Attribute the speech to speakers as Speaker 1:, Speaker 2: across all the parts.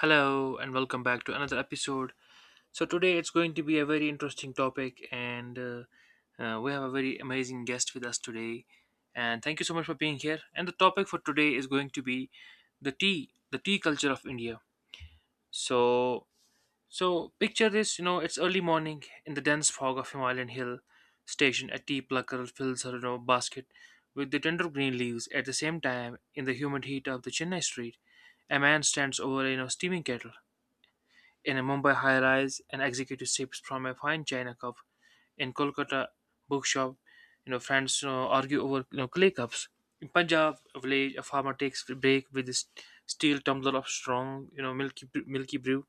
Speaker 1: Hello and welcome back to another episode. So today it's going to be a very interesting topic, and we have a very amazing guest with us today. And thank you so much for being here. And the topic for today is going to be the tea culture of India. So, so picture this. You know, it's early morning in the dense fog of Himalayan hill station. A tea plucker fills her basket with the tender green leaves. At the same time, in the humid heat of the Chennai street, a man stands over a steaming kettle in a Mumbai high-rise, and executive sips from a fine china cup in Kolkata bookshop. Friends argue over clay cups. In Punjab village, a farmer takes a break with his steel tumbler of strong, you know, milky brew.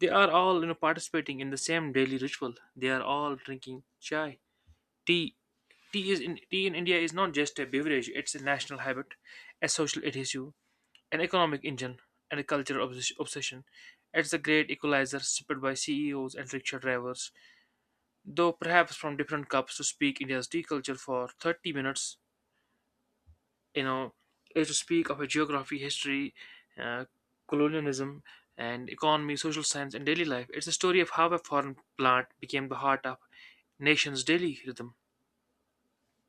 Speaker 1: They are all participating in the same daily ritual. They are all drinking chai, tea. Tea is in tea in India is not just a beverage; it's a national habit, a social issue, an economic engine, and a cultural obsession. It's the great equalizer spit by CEOs and rickshaw drivers, though perhaps from different cups. To speak India's tea culture for 30 minutes, you know, is to speak of a geography, history, uh, colonialism, and economy, social science, and daily life. It's a story of how a foreign plant became the heart of nation's daily rhythm.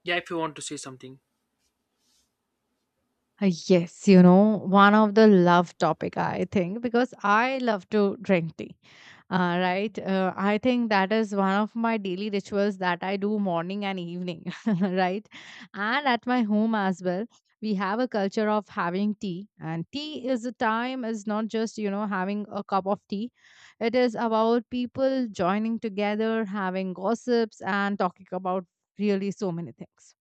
Speaker 1: Yeah, if you want to say something.
Speaker 2: Yes, one of the love topic I think because I love to drink tea. Right? I think that is one of my daily rituals that I do morning and evening, right? And at my home as well, we have a culture of having tea. And tea is a time is not just having a cup of tea. It is about people joining together, having gossips, and talking about really so many things.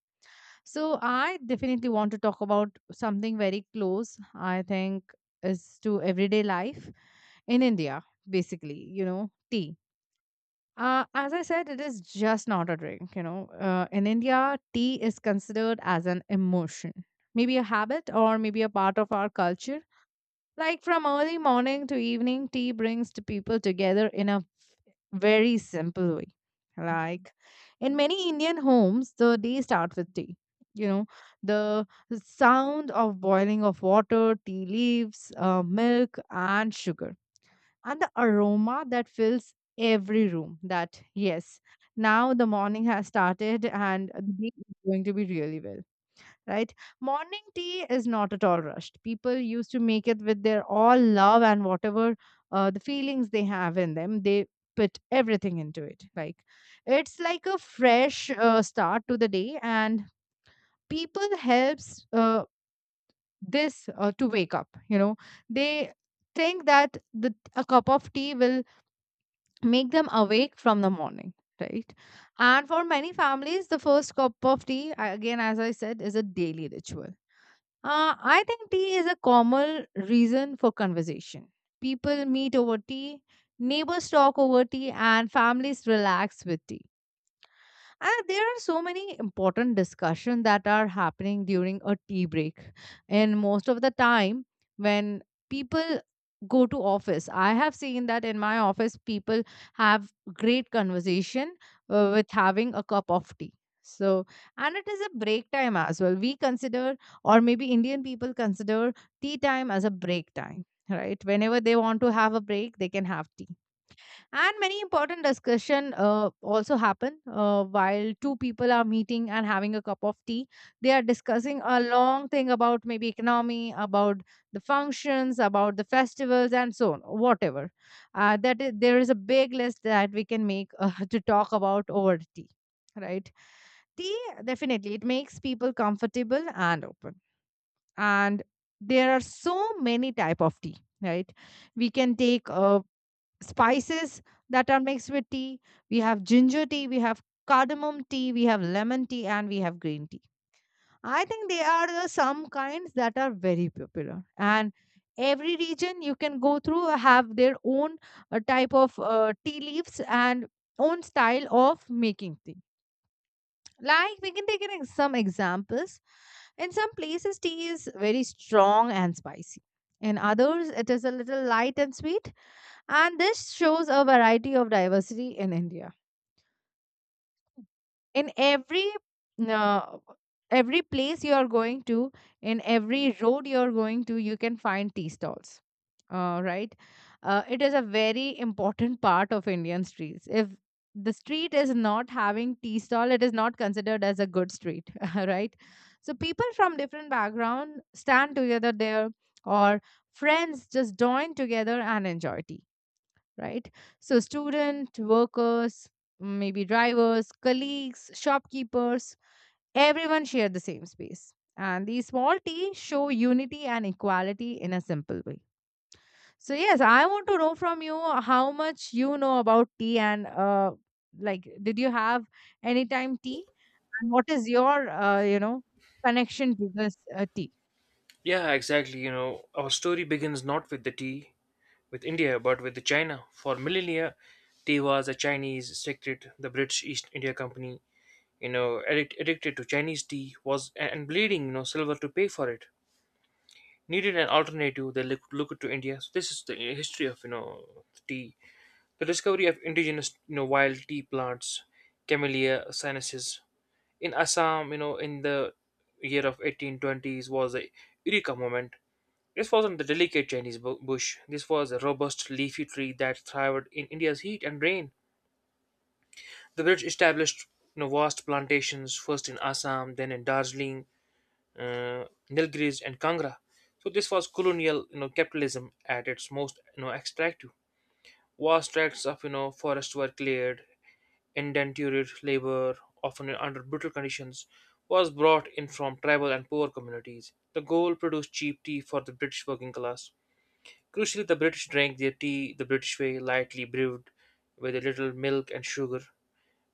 Speaker 2: So I definitely want to talk about something very close, I think, is to everyday life in India, basically, tea. As I said, it is just not a drink. In India, tea is considered as an emotion, maybe a habit or maybe a part of our culture. Like from early morning to evening, tea brings the people together in a very simple way. Like in many Indian homes, the day starts with tea. You know, the sound of boiling of water, tea leaves, milk, and sugar, and the aroma that fills every room. That, yes, now the morning has started and the day is going to be really well, right? Morning tea is not at all rushed. People used to make it with their all love and whatever the feelings they have in them, they put everything into it. Like it's like a fresh start to the day, and people helps this to wake up. They think that the a cup of tea will make them awake from the morning. Right. And for many families, the first cup of tea, again, as I said, is a daily ritual. I think tea is a common reason for conversation. People meet over tea, neighbors talk over tea, and families relax with tea. There are so many important discussions that are happening during a tea break. And most of the time, when people go to office, I have seen that in my office, people have great conversation with having a cup of tea. So, and it is a break time as well. We consider, or maybe Indian people consider tea time as a break time, right? Whenever they want to have a break, they can have tea, and many important discussion also happen while two people are meeting and having a cup of tea, they are discussing a long thing about maybe economy, about the functions, about the festivals, and so on. Whatever that is, there is a big list that we can make to talk about over tea, right? Tea, definitely it makes people comfortable and open. And there are so many type of tea, right? We can take spices that are mixed with tea. We have ginger tea, we have cardamom tea, we have lemon tea, and we have green tea. I think they are the some kinds that are very popular. And every region you can go through have their own type of tea leaves and own style of making tea. Like we can take some examples. In some places, tea is very strong and spicy. In others, it is a little light and sweet. And this shows a variety of diversity in India. In uh, every place you are going to, in every road you are going to, you can find tea stalls. Right? It is a very important part of Indian streets. If the street is not having tea stall, it is not considered as a good street. Right? So people from different background stand together there, or friends just join together and enjoy tea, right? So, student, workers, maybe drivers, colleagues, shopkeepers, everyone share the same space. And these small t show unity and equality in a simple way. So, yes, I want to know from you how much you know about tea and like, did you have any time tea? And what is your, connection to this tea?
Speaker 1: Yeah, exactly. You know, our story begins not with the tea, with India, but with China. For millennia, tea was a Chinese secret. The British East India Company, you know, addicted to Chinese tea, was and bleeding, you know, silver to pay for it. Needed an alternative. They look to India. So this is the history of tea. The discovery of indigenous wild tea plants, Camellia sinensis in Assam. You know, in the year of 1820s was a Eureka moment. This wasn't the delicate Chinese bush. This was a robust leafy tree that thrived in India's heat and rain. The British established, you know, vast plantations first in Assam, then in Darjeeling, Nilgiris, and Kangra. So this was colonial, you know, capitalism at its most, you know, extractive. Vast tracts of, you know, forest were cleared. Indentured labor, often under brutal conditions, was brought in from tribal and poor communities. The goal, produced cheap tea for the British working class. Crucially, the British drank their tea the British way, lightly brewed with a little milk and sugar.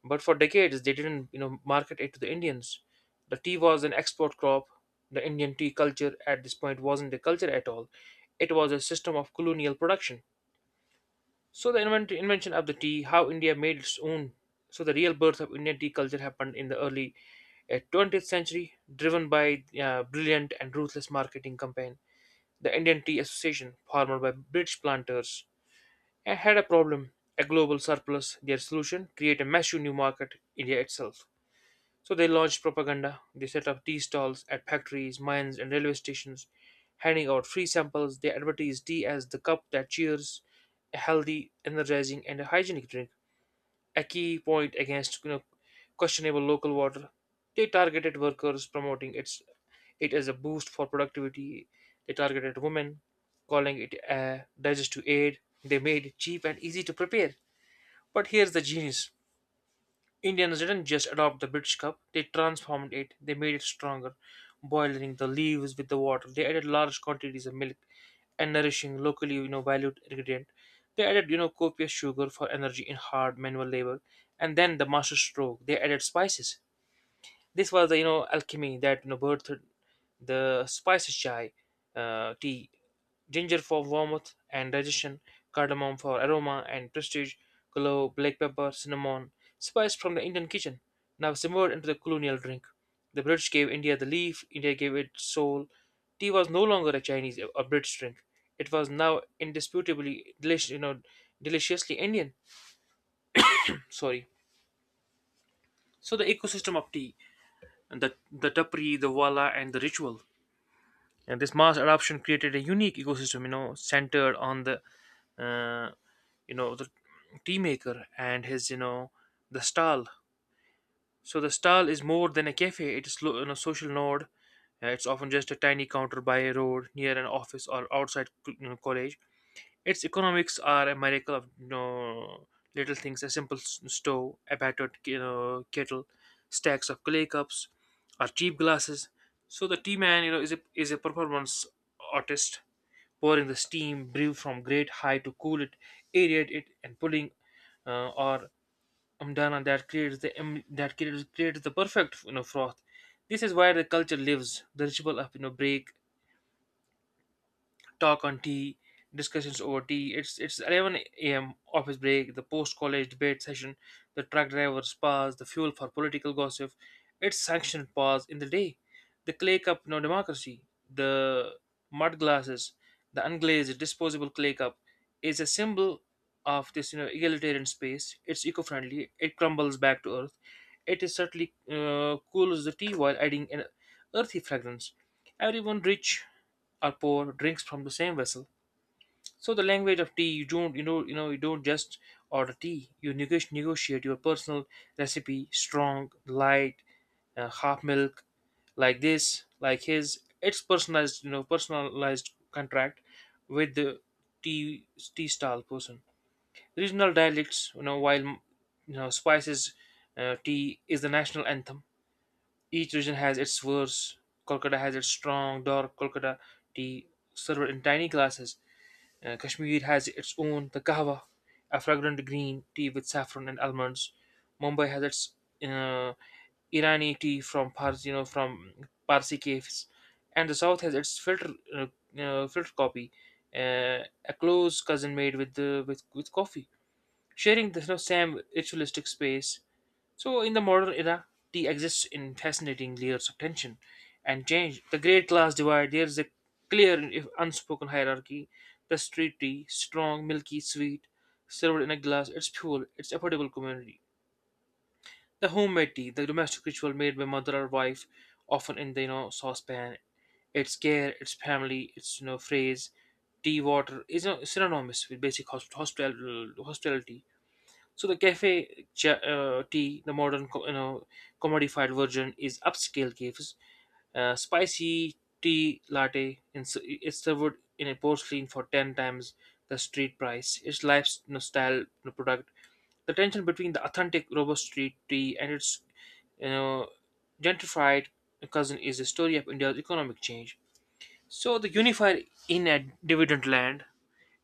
Speaker 1: But for decades, they didn't, you know, market it to the Indians. The tea was an export crop. The Indian tea culture at this point wasn't a culture at all. It was a system of colonial production. So the invention of the tea, how India made its own. So the real birth of Indian tea culture happened in the early 20th century, driven by brilliant and ruthless marketing campaign. The Indian Tea Association, formed by British planters, I had a problem, a global surplus. Their solution, create a massive new market, India itself. So they launched propaganda. They set up tea stalls at factories, mines, and railway stations, handing out free samples. They advertised tea as the cup that cheers, a healthy, energizing, and a hygienic drink, a key point against, you know, questionable local water. They targeted workers, promoting its it as a boost for productivity. They targeted women, calling it a digestive aid. They made it cheap and easy to prepare. But here's the genius. Indians didn't just adopt the British cup, they transformed it, they made it stronger, boiling the leaves with the water. They added large quantities of milk and nourishing locally, you know, valued ingredient. They added, you know, copious sugar for energy in hard manual labor. And then the master stroke, they added spices. This was the alchemy that birthed the spicy chai tea, ginger for warmth and digestion, cardamom for aroma and prestige, clove, black pepper, cinnamon, spice from the Indian kitchen, now simmered into the colonial drink. The British gave India the leaf, India gave it soul. Tea was no longer a Chinese or British drink; it was now indisputably delicious, you know, deliciously Indian. Sorry. So the ecosystem of tea, the tapri, the wala, and the ritual. And this mass adoption created a unique ecosystem, you know, centered on the uh, you know, the tea maker and his, you know, the stall. So the stall is more than a cafe, it is you know, social node. It's often just a tiny counter by a road near an office or outside you know, college. Its economics are a miracle of, you know, little things, a simple stove, a battered, you know, kettle, stacks of clay cups or cheap glasses. So the tea man, you know, is a performance artist, pouring the steam brew from great height to cool it, aerate it, and pulling, or umdana, that creates creates the perfect, you know, froth. This is why the culture lives. The ritual of, you know, break, talk on tea, discussions over tea. It's 11 a.m. office break, the post-college debate session, the truck driver's pause, the fuel for political gossip. It's sanctioned pause in the day, the clay cup no democracy, the mud glasses, the unglazed disposable clay cup is a symbol of this, you know, egalitarian space. It's eco-friendly. It crumbles back to earth. It is certainly cool as the tea while adding an earthy fragrance. Everyone rich or pour drinks from the same vessel. So the language of tea, you don't just order tea. You negotiate your personal recipe: strong, light, half milk, like this, like his. It's personalized, you know, personalized contract with the tea tea style person. Regional dialects, you know, while you know spices, tea is the national anthem. Each region has its verse. Kolkata has its strong dark Kolkata tea served in tiny glasses. Kashmir has its own the kahwa, a fragrant green tea with saffron and almonds. Mumbai has its uh, Irani tea from Pars, you know, from Parsi caves, and the South has its filter coffee, uh, a close cousin made with with coffee, sharing the, you know, same ritualistic space. So, in the modern era, tea exists in fascinating layers of tension and change. The great class divide, there is a clear, if unspoken hierarchy. The street tea, strong, milky, sweet, served in a glass, it's fuel, it's affordable community. The homemade tea, the domestic ritual made by mother or wife, often in the, you know, saucepan. Its care, its family, its, you know, phrase. Tea water is, you know, synonymous with basic hospitality. So the tea, the modern you know, commodified version, is upscale cafes. Spicy tea latte in, is served in a porcelain for ten times the street price. It's life's, you know, style, you know, product. The tension between the authentic robust street tea and its, you know, gentrified cousin is a story of India's economic change. So the unifier in a dividend land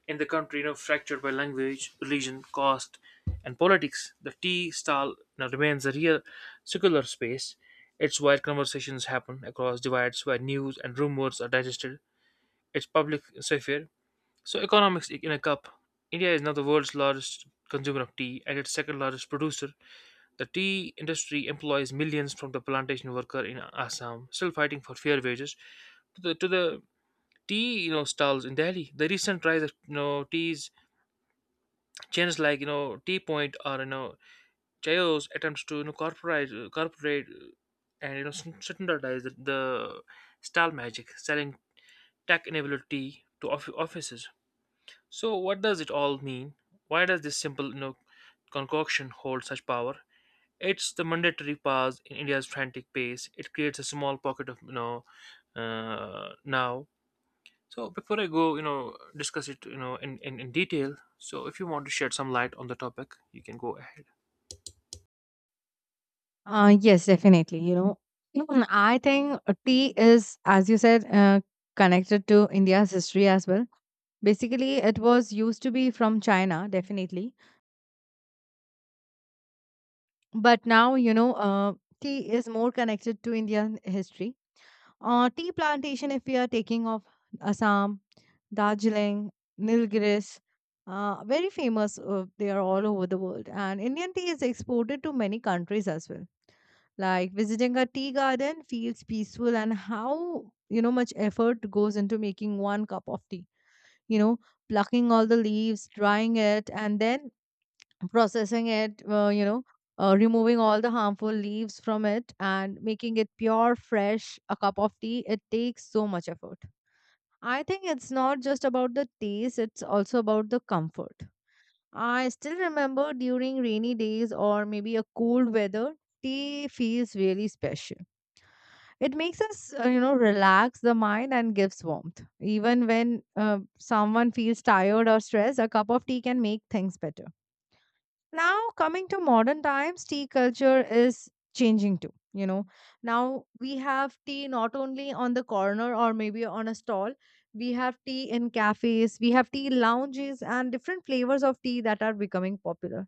Speaker 1: in the country, you know, fractured by language, religion, caste, and politics, the tea stall now remains a real circular space. It's where conversations happen across divides, where news and rumors are digested. It's public sphere. So, economics in a cup. India is now the world's largest consumer of tea and its second largest producer. The tea industry employs millions from the plantation worker in Assam, still fighting for fair wages, to the tea, you know, stalls in Delhi. The recent rise of, you know, teas chains like, you know, T Point or, you know, Chaos attempts to, you know, corporate, and, you know, standardize the style magic, selling tech-enabled tea to offices. So what does it all mean? Why does this simple, you know, concoction hold such power? It's the mandatory pause in India's frantic pace. It creates a small pocket of, you know, now. So before I go, you know, discuss it, you know, in detail. So if you want to shed some light on the topic, you can go ahead.
Speaker 2: Yes, definitely. Even I think tea is, as you said, connected to India's history as well. Basically, it was used to be from China, definitely. But now, tea is more connected to Indian history. Tea plantation, if we are taking of Assam, Darjeeling, Nilgiris, very famous. They are all over the world. And Indian tea is exported to many countries as well. Like visiting a tea garden feels peaceful, and how much effort goes into making one cup of tea. You know, Plucking all the leaves, drying it, and then processing it. Removing all the harmful leaves from it and making it pure, fresh. A cup of tea it takes so much effort. I think it's not just about the taste; it's also about the comfort. I still remember during rainy days or maybe a cold weather, tea feels really special. It makes us, relax the mind and gives warmth. Even when someone feels tired or stressed, a cup of tea can make things better. Now, coming to modern times, tea culture is changing too. Now we have tea not only on the corner or maybe on a stall, we have tea in cafes, we have tea lounges, and different flavors of tea that are becoming popular,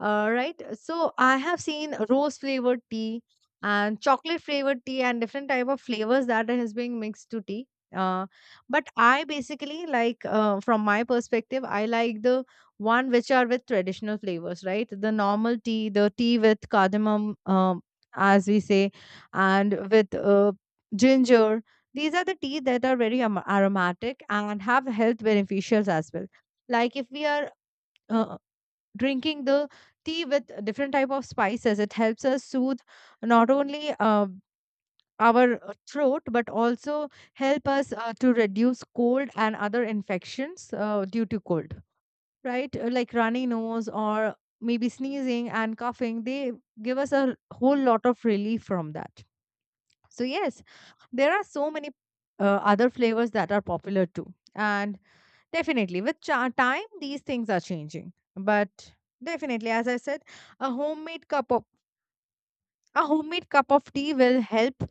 Speaker 2: right. So I have seen rose flavored tea and chocolate flavored tea and different type of flavors that has been mixed to tea. Uh, but I basically like, from my perspective, I like the one which are with traditional flavors, right? The normal tea, the tea with cardamom, as we say, and with ginger. These are the tea that are very aromatic and have health beneficials as well. Like if we are uh, drinking the tea with different type of spices, it helps us soothe not only our throat, but also help us to reduce cold and other infections due to cold, right? Like runny nose or maybe sneezing and coughing, they give us a whole lot of relief from that. So yes, there are so many other flavors that are popular too. And definitely, with cha time, these things are changing. But definitely, as I said, a homemade cup of a homemade cup of tea will help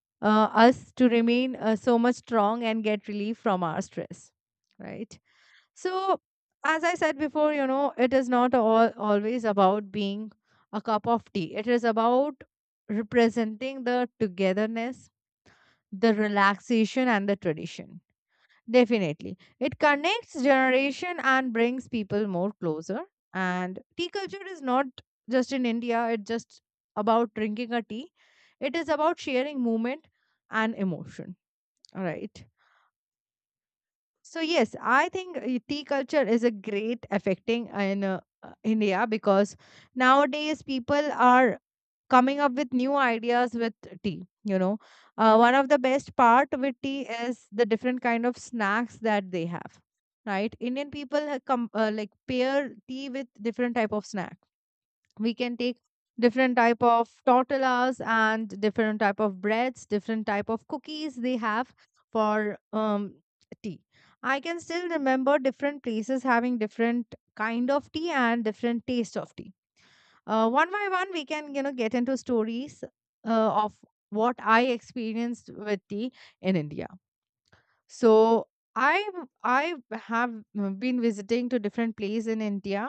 Speaker 2: uh, us to remain so much strong and get relief from our stress, right? So, as I said before, it is not all always about being a cup of tea. It is about representing the togetherness, the relaxation, and the tradition. Definitely. It connects generation and brings people more closer. And tea culture is not just in India, it's just about drinking a tea. It is about sharing movement and emotion. All right. So yes, I think tea culture is a great affecting in India because nowadays people are coming up with new ideas with tea. One of the best part with tea is the different kind of snacks that they have, right? Indian people have come like pair tea with different type of snack. We can take different type of tortillas and different type of breads, different type of cookies they have for tea. I can still remember different places having different kind of tea and different taste of tea. One by one we can get into stories of what I experienced with tea in India. So I have been visiting to different places in India,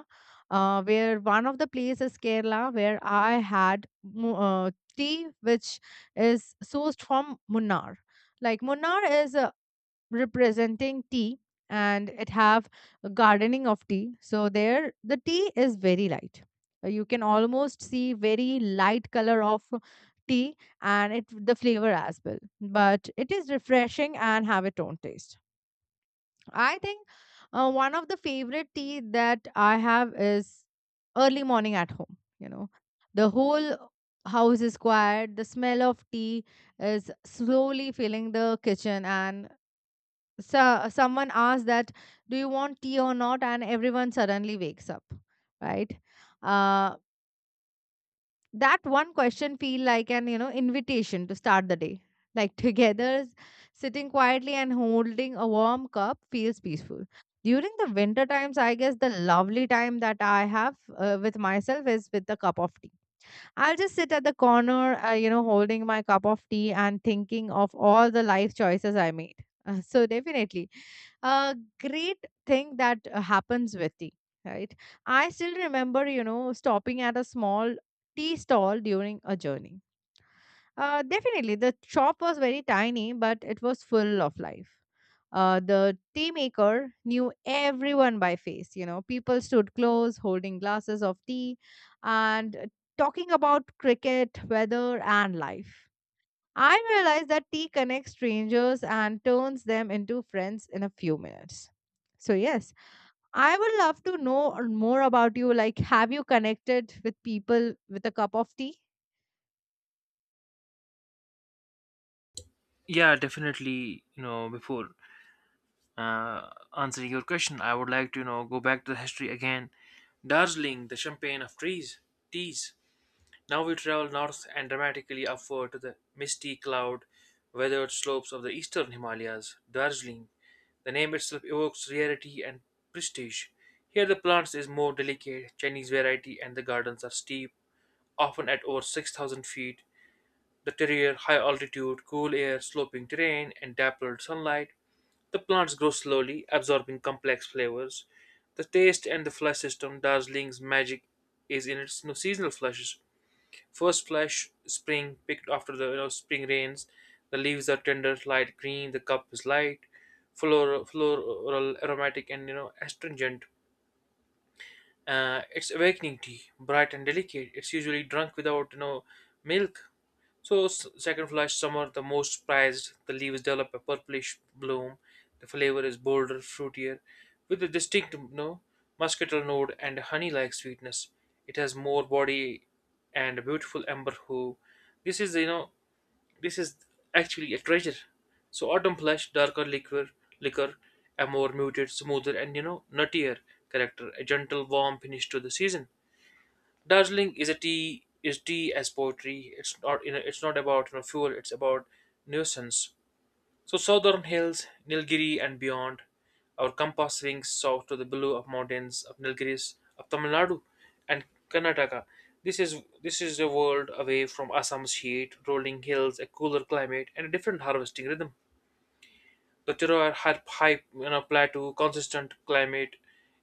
Speaker 2: where one of the places is Kerala, where I had tea which is sourced from Munnar. Like Munnar is a representing tea and it have a gardening of tea, so there the tea is very light. You can almost see very light color of tea, and it the flavor as well, but it is refreshing and have its own taste. I think one of the favorite tea that I have is early morning at home. you know the whole house is quiet, the smell of tea is slowly filling the kitchen, and so someone asks that, do you want tea or not, and everyone suddenly wakes up, right? uh that one question feel like an invitation to start the day, like together sitting quietly and holding a warm cup feels peaceful. During the winter times, I guess the lovely time that I have with myself is with a cup of tea. I'll just sit at the corner, holding my cup of tea and thinking of all the life choices I made. So, definitely, a great thing that happens with tea, right? I still remember, stopping at a small tea stall during a journey, definitely. The shop was very tiny, but it was full of life. The tea maker knew everyone by face. You know, people stood close, holding glasses of tea and talking about cricket, weather, and life. I realized that tea connects strangers and turns them into friends in a few minutes. So, yes, I would love to know more about you. Like, have you connected with people with a cup of tea?
Speaker 1: Yeah, definitely. You know, before uh, answering your question, I would like to, you know, go back to the history again. Darjeeling, the champagne of teas. Now we travel north and dramatically upward to the misty cloud weathered slopes of the eastern Himalayas. Darjeeling, the name itself evokes rarity and prestige. Here the plants is more delicate, Chinese variety, and the gardens are steep, often at over 6,000 feet. The terrier, high altitude, cool air, sloping terrain, and dappled sunlight. The plants grow slowly, absorbing complex flavors. The taste and the flush system, Darjeeling's magic is in its seasonal flushes. First flush, spring, picked after the spring rains. The leaves are tender, light green. The cup is light, floral, floral aromatic, and astringent. It's awakening tea, bright and delicate. It's usually drunk without milk. So second summer, the most prized. The leaves develop a purplish bloom. The flavor is bolder, fruitier, with a distinct muscatel note and honey-like sweetness. It has more body and a beautiful amber hue. This is you know this is actually a treasure. So autumn blush, darker liquor, liquor, a more muted, smoother, and nuttier character, a gentle, warm finish to the season. Darjeeling is a tea is tea as poetry. It's not it's not about fuel. It's about nuisance. So southern hills, Nilgiri and beyond, our compass swings south to the blue of mountains of Nilgiris of Tamil Nadu and Karnataka. This is a world away from Assam's heat, rolling hills, a cooler climate, and a different harvesting rhythm. The Tiroir high plateau, consistent climate,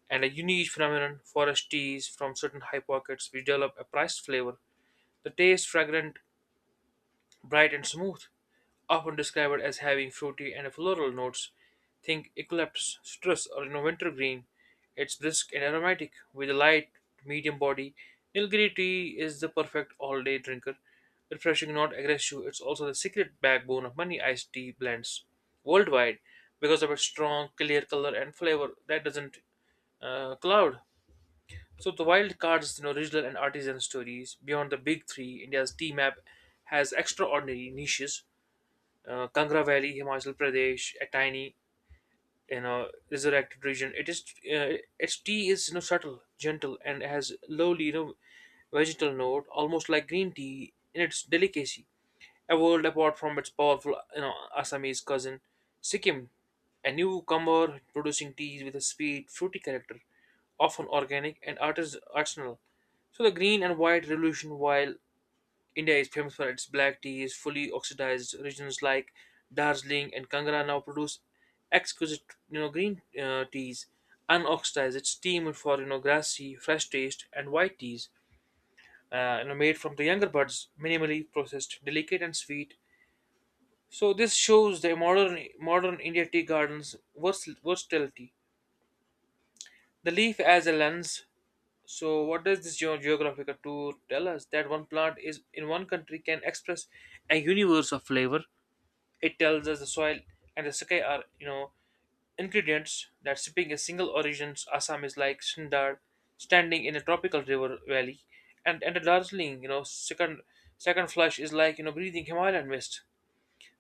Speaker 1: and a unique phenomenon. Forest teas from certain high pockets which develop a priced flavor. The taste fragrant bright and smooth, often described as having fruity and floral notes. Think eucalyptus, citrus, or wintergreen. It's brisk and aromatic with a light, medium body. Nilgiri tea is the perfect all-day drinker, refreshing, not aggressive. It's also the secret backbone of many iced tea blends worldwide because of its strong, clear color and flavor that doesn't cloud. So the wild cards, you know, regional and artisan stories beyond the big three. India's tea map has extraordinary niches, Kangra Valley, Himachal Pradesh, a tiny, you know, resurrected region. It is its tea is subtle, gentle, and has lowly vegetal note, almost like green tea in its delicacy. A world apart from its powerful Assamese cousin, Sikkim, a newcomer producing teas with a sweet, fruity character, often organic and artisanal. So the green and white revolution, while India is famous for its black tea, is fully oxidized. Regions like Darjeeling and Kangra now produce exquisite, you know, green teas, unoxidized. It's steamed for grassy, fresh taste, and white teas, you know, made from the younger buds, minimally processed, delicate and sweet. So this shows the modern India tea gardens versatility. The leaf as a lens. So what does this geographical tour tell us? That one plant is in one country can express a universe of flavor. It tells us the soil and the saké are, you know, ingredients that sipping a single origins Assam is like Sindar standing in a tropical river valley and a dazzling, you know, second flush is like, you know, breathing Himalayan mist.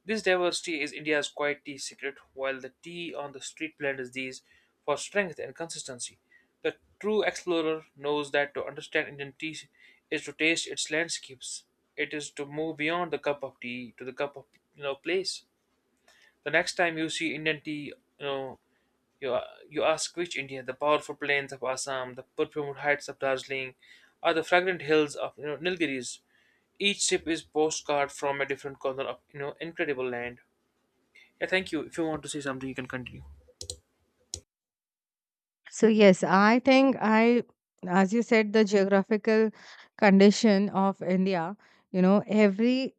Speaker 1: This diversity is India's quiet tea secret, while the tea on the street blends these for strength and consistency. The true explorer knows that to understand Indian tea is to taste its landscapes. It is to move beyond the cup of tea to the cup of place. The next time you see Indian tea, you know you you ask which India: the powerful plains of Assam, the perfumed heights of Darjeeling, or the fragrant hills of Nilgiris. Each sip is postcard from a different corner of incredible land. Yeah, thank you. If you want to say something, you can continue.
Speaker 2: So yes, I think, as you said, the geographical condition of India. You know, every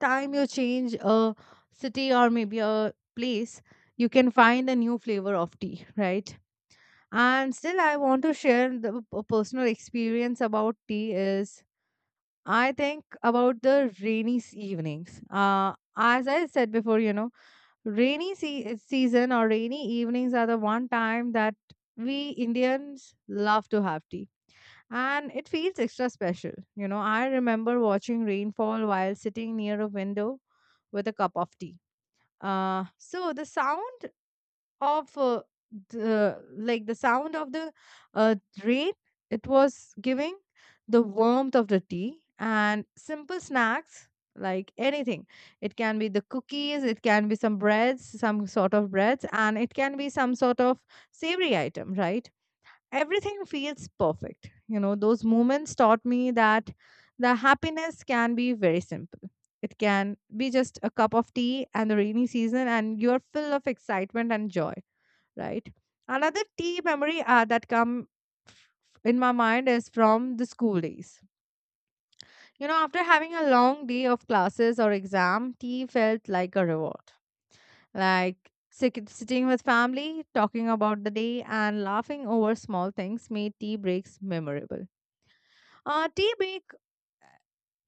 Speaker 2: time you change a city or maybe a place, you can find a new flavor of tea, right? And still, I want to share the personal experience about tea is I think about the rainy evenings. As I said before, you know, rainy season or rainy evenings are the one time that we Indians love to have tea and it feels extra special. You know, I remember watching rainfall while sitting near a window with a cup of tea. So the sound of the sound of the uh, rain, it was giving the warmth of the tea and simple snacks like anything. It can be the cookies, it can be some breads, some sort of breads, and it can be some sort of savory item, right? Everything feels perfect. You know, those moments taught me that the happiness can be very simple. It can be just a cup of tea and the rainy season, and you're full of excitement and joy, right? Another tea memory that come f- in my mind is from the school days. You know, after having a long day of classes or exam, tea felt like a reward. Like sitting with family, talking about the day, and laughing over small things made tea breaks memorable. Uh, tea break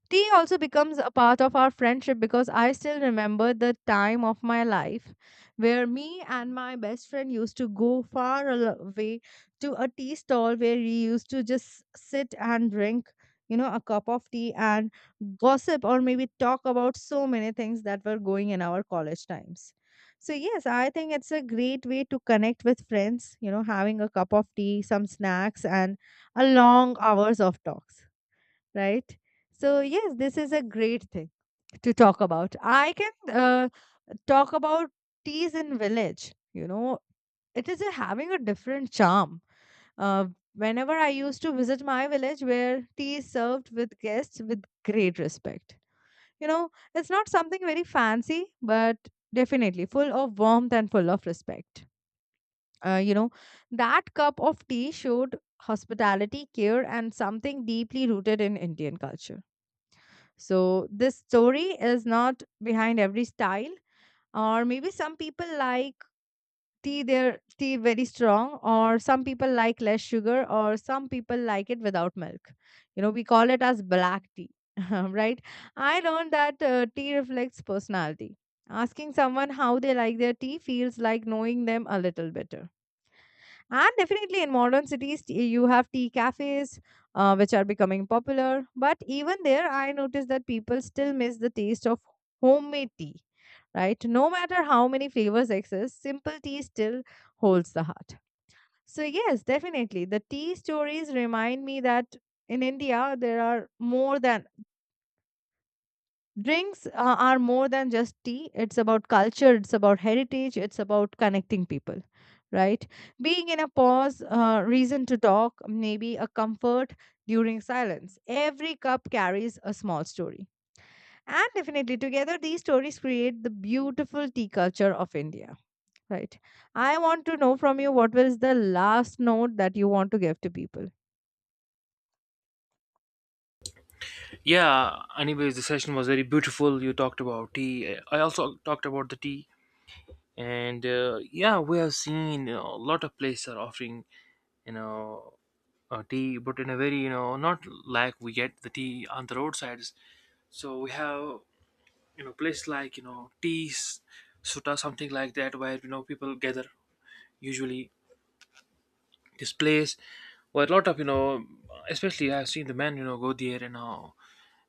Speaker 2: Tea also becomes a part of our friendship because I still remember the time of my life where me and my best friend used to go far away to a tea stall where we used to just sit and drink, you know, a cup of tea and gossip or maybe talk about so many things that were going in our college times. So, yes, I think it's a great way to connect with friends, you know, having a cup of tea, some snacks, and a long hours of talks, right? So, yes, this is a great thing to talk about. I can talk about teas in village. You know, it is a, having a different charm. Uh, whenever I used to visit my village where tea is served with guests with great respect. You know, it's not something very fancy, but definitely full of warmth and full of respect. Uh, you know, that cup of tea showed hospitality, care, and something deeply rooted in Indian culture, so this story is not behind every style, or maybe some people like tea their tea very strong, or some people like less sugar, or some people like it without milk. You know, we call it as black tea, right? I learned that tea reflects personality. Asking someone how they like their tea feels like knowing them a little better, and definitely in modern cities, you have tea cafes, which are becoming popular. But even there, I noticed that people still miss the taste of homemade tea, right? No matter how many flavors exist, simple tea still holds the heart. So, yes, definitely. The tea stories remind me that in India, there are more than drinks. Are more than just tea. It's about culture, it's about heritage, it's about connecting people, right? Being in a pause, reason to talk, maybe a comfort during silence. Every cup carries a small story. And definitely, together, these stories create the beautiful tea culture of India, right? I want to know from you, what was the last note that you want to give to people?
Speaker 1: Yeah, anyways, the session was very beautiful. You talked about tea. I also talked about the tea, and yeah, we have seen you know, a lot of places are offering you know tea, but in a very not like we get the tea on the roadsides. So we have place like tea suta something like that where people gather usually this place where a lot of especially I've seen the men go there and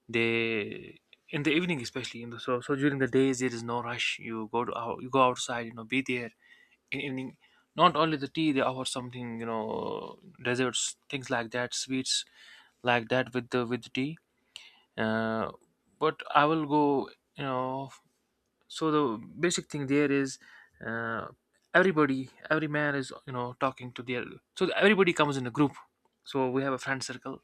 Speaker 1: they in the evening especially in the so during the days there is no rush you go to out, you go outside you know be there in evening, not only the tea they offer something you know desserts things like that, sweets like that with the tea. Uh, but I will go, you know, so the basic thing there is, uh, everybody every man is talking to their, so everybody comes in a group. So we have a friend circle.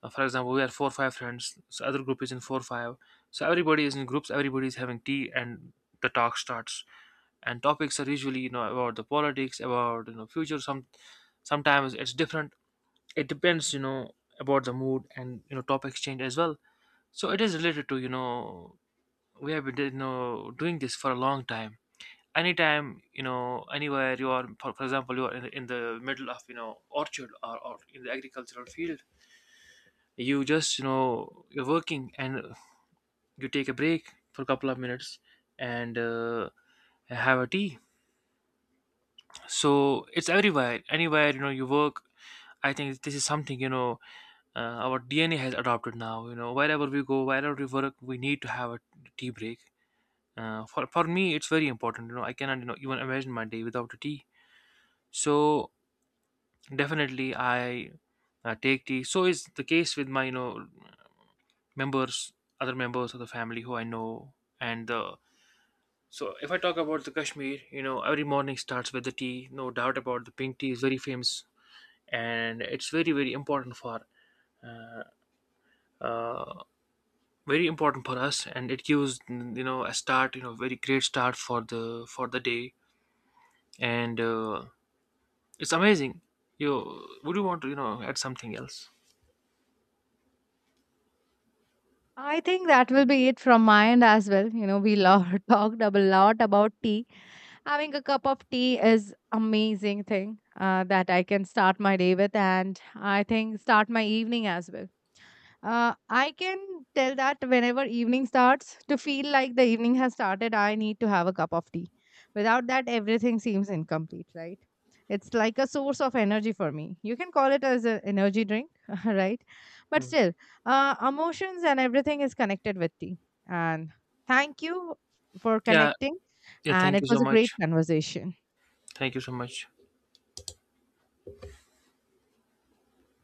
Speaker 1: Uh, for example, we are four five friends. So other group is in four five. So everybody is in groups. Everybody is having tea, and the talk starts. And topics are usually you know about the politics, about future. Sometimes it's different. It depends you know about the mood, and you know topics change as well. So it is related to you know we have been you know doing this for a long time. Anytime you know anywhere you are, for example, you are in the middle of orchard or in the agricultural field, you just you know you're working and you take a break for a couple of minutes and have a tea. So it's everywhere anywhere you know you work. I think this is something you know, our DNA has adopted now, you know, wherever we go wherever we work we need to have a tea break. For me it's very important, you know, I cannot even imagine my day without a tea. So definitely I take tea, so is the case with my members, other members of the family who I know. And the, so if I talk about the Kashmir, you know, every morning starts with the tea, no doubt about the pink tea is very famous, and it's very uh, very important for us, and it gives you know a start, you know very great start for the day. And it's amazing. You, would you want to add something else?
Speaker 2: I think that will be it from my end as well. You know, we talked a lot about tea. Having a cup of tea is amazing thing that I can start my day with, and I think start my evening as well. I can tell that whenever evening starts, to feel like the evening has started, I need to have a cup of tea. Without that, everything seems incomplete, right? It's like a source of energy for me. You can call it as an energy drink, right? But
Speaker 1: Hmm.
Speaker 2: still, emotions and everything is connected with tea. And thank you for
Speaker 1: Yeah,
Speaker 2: connecting.
Speaker 1: yeah,
Speaker 2: And
Speaker 1: thank
Speaker 2: it
Speaker 1: you so
Speaker 2: was a great
Speaker 1: much.
Speaker 2: conversation.
Speaker 1: Thank you so much.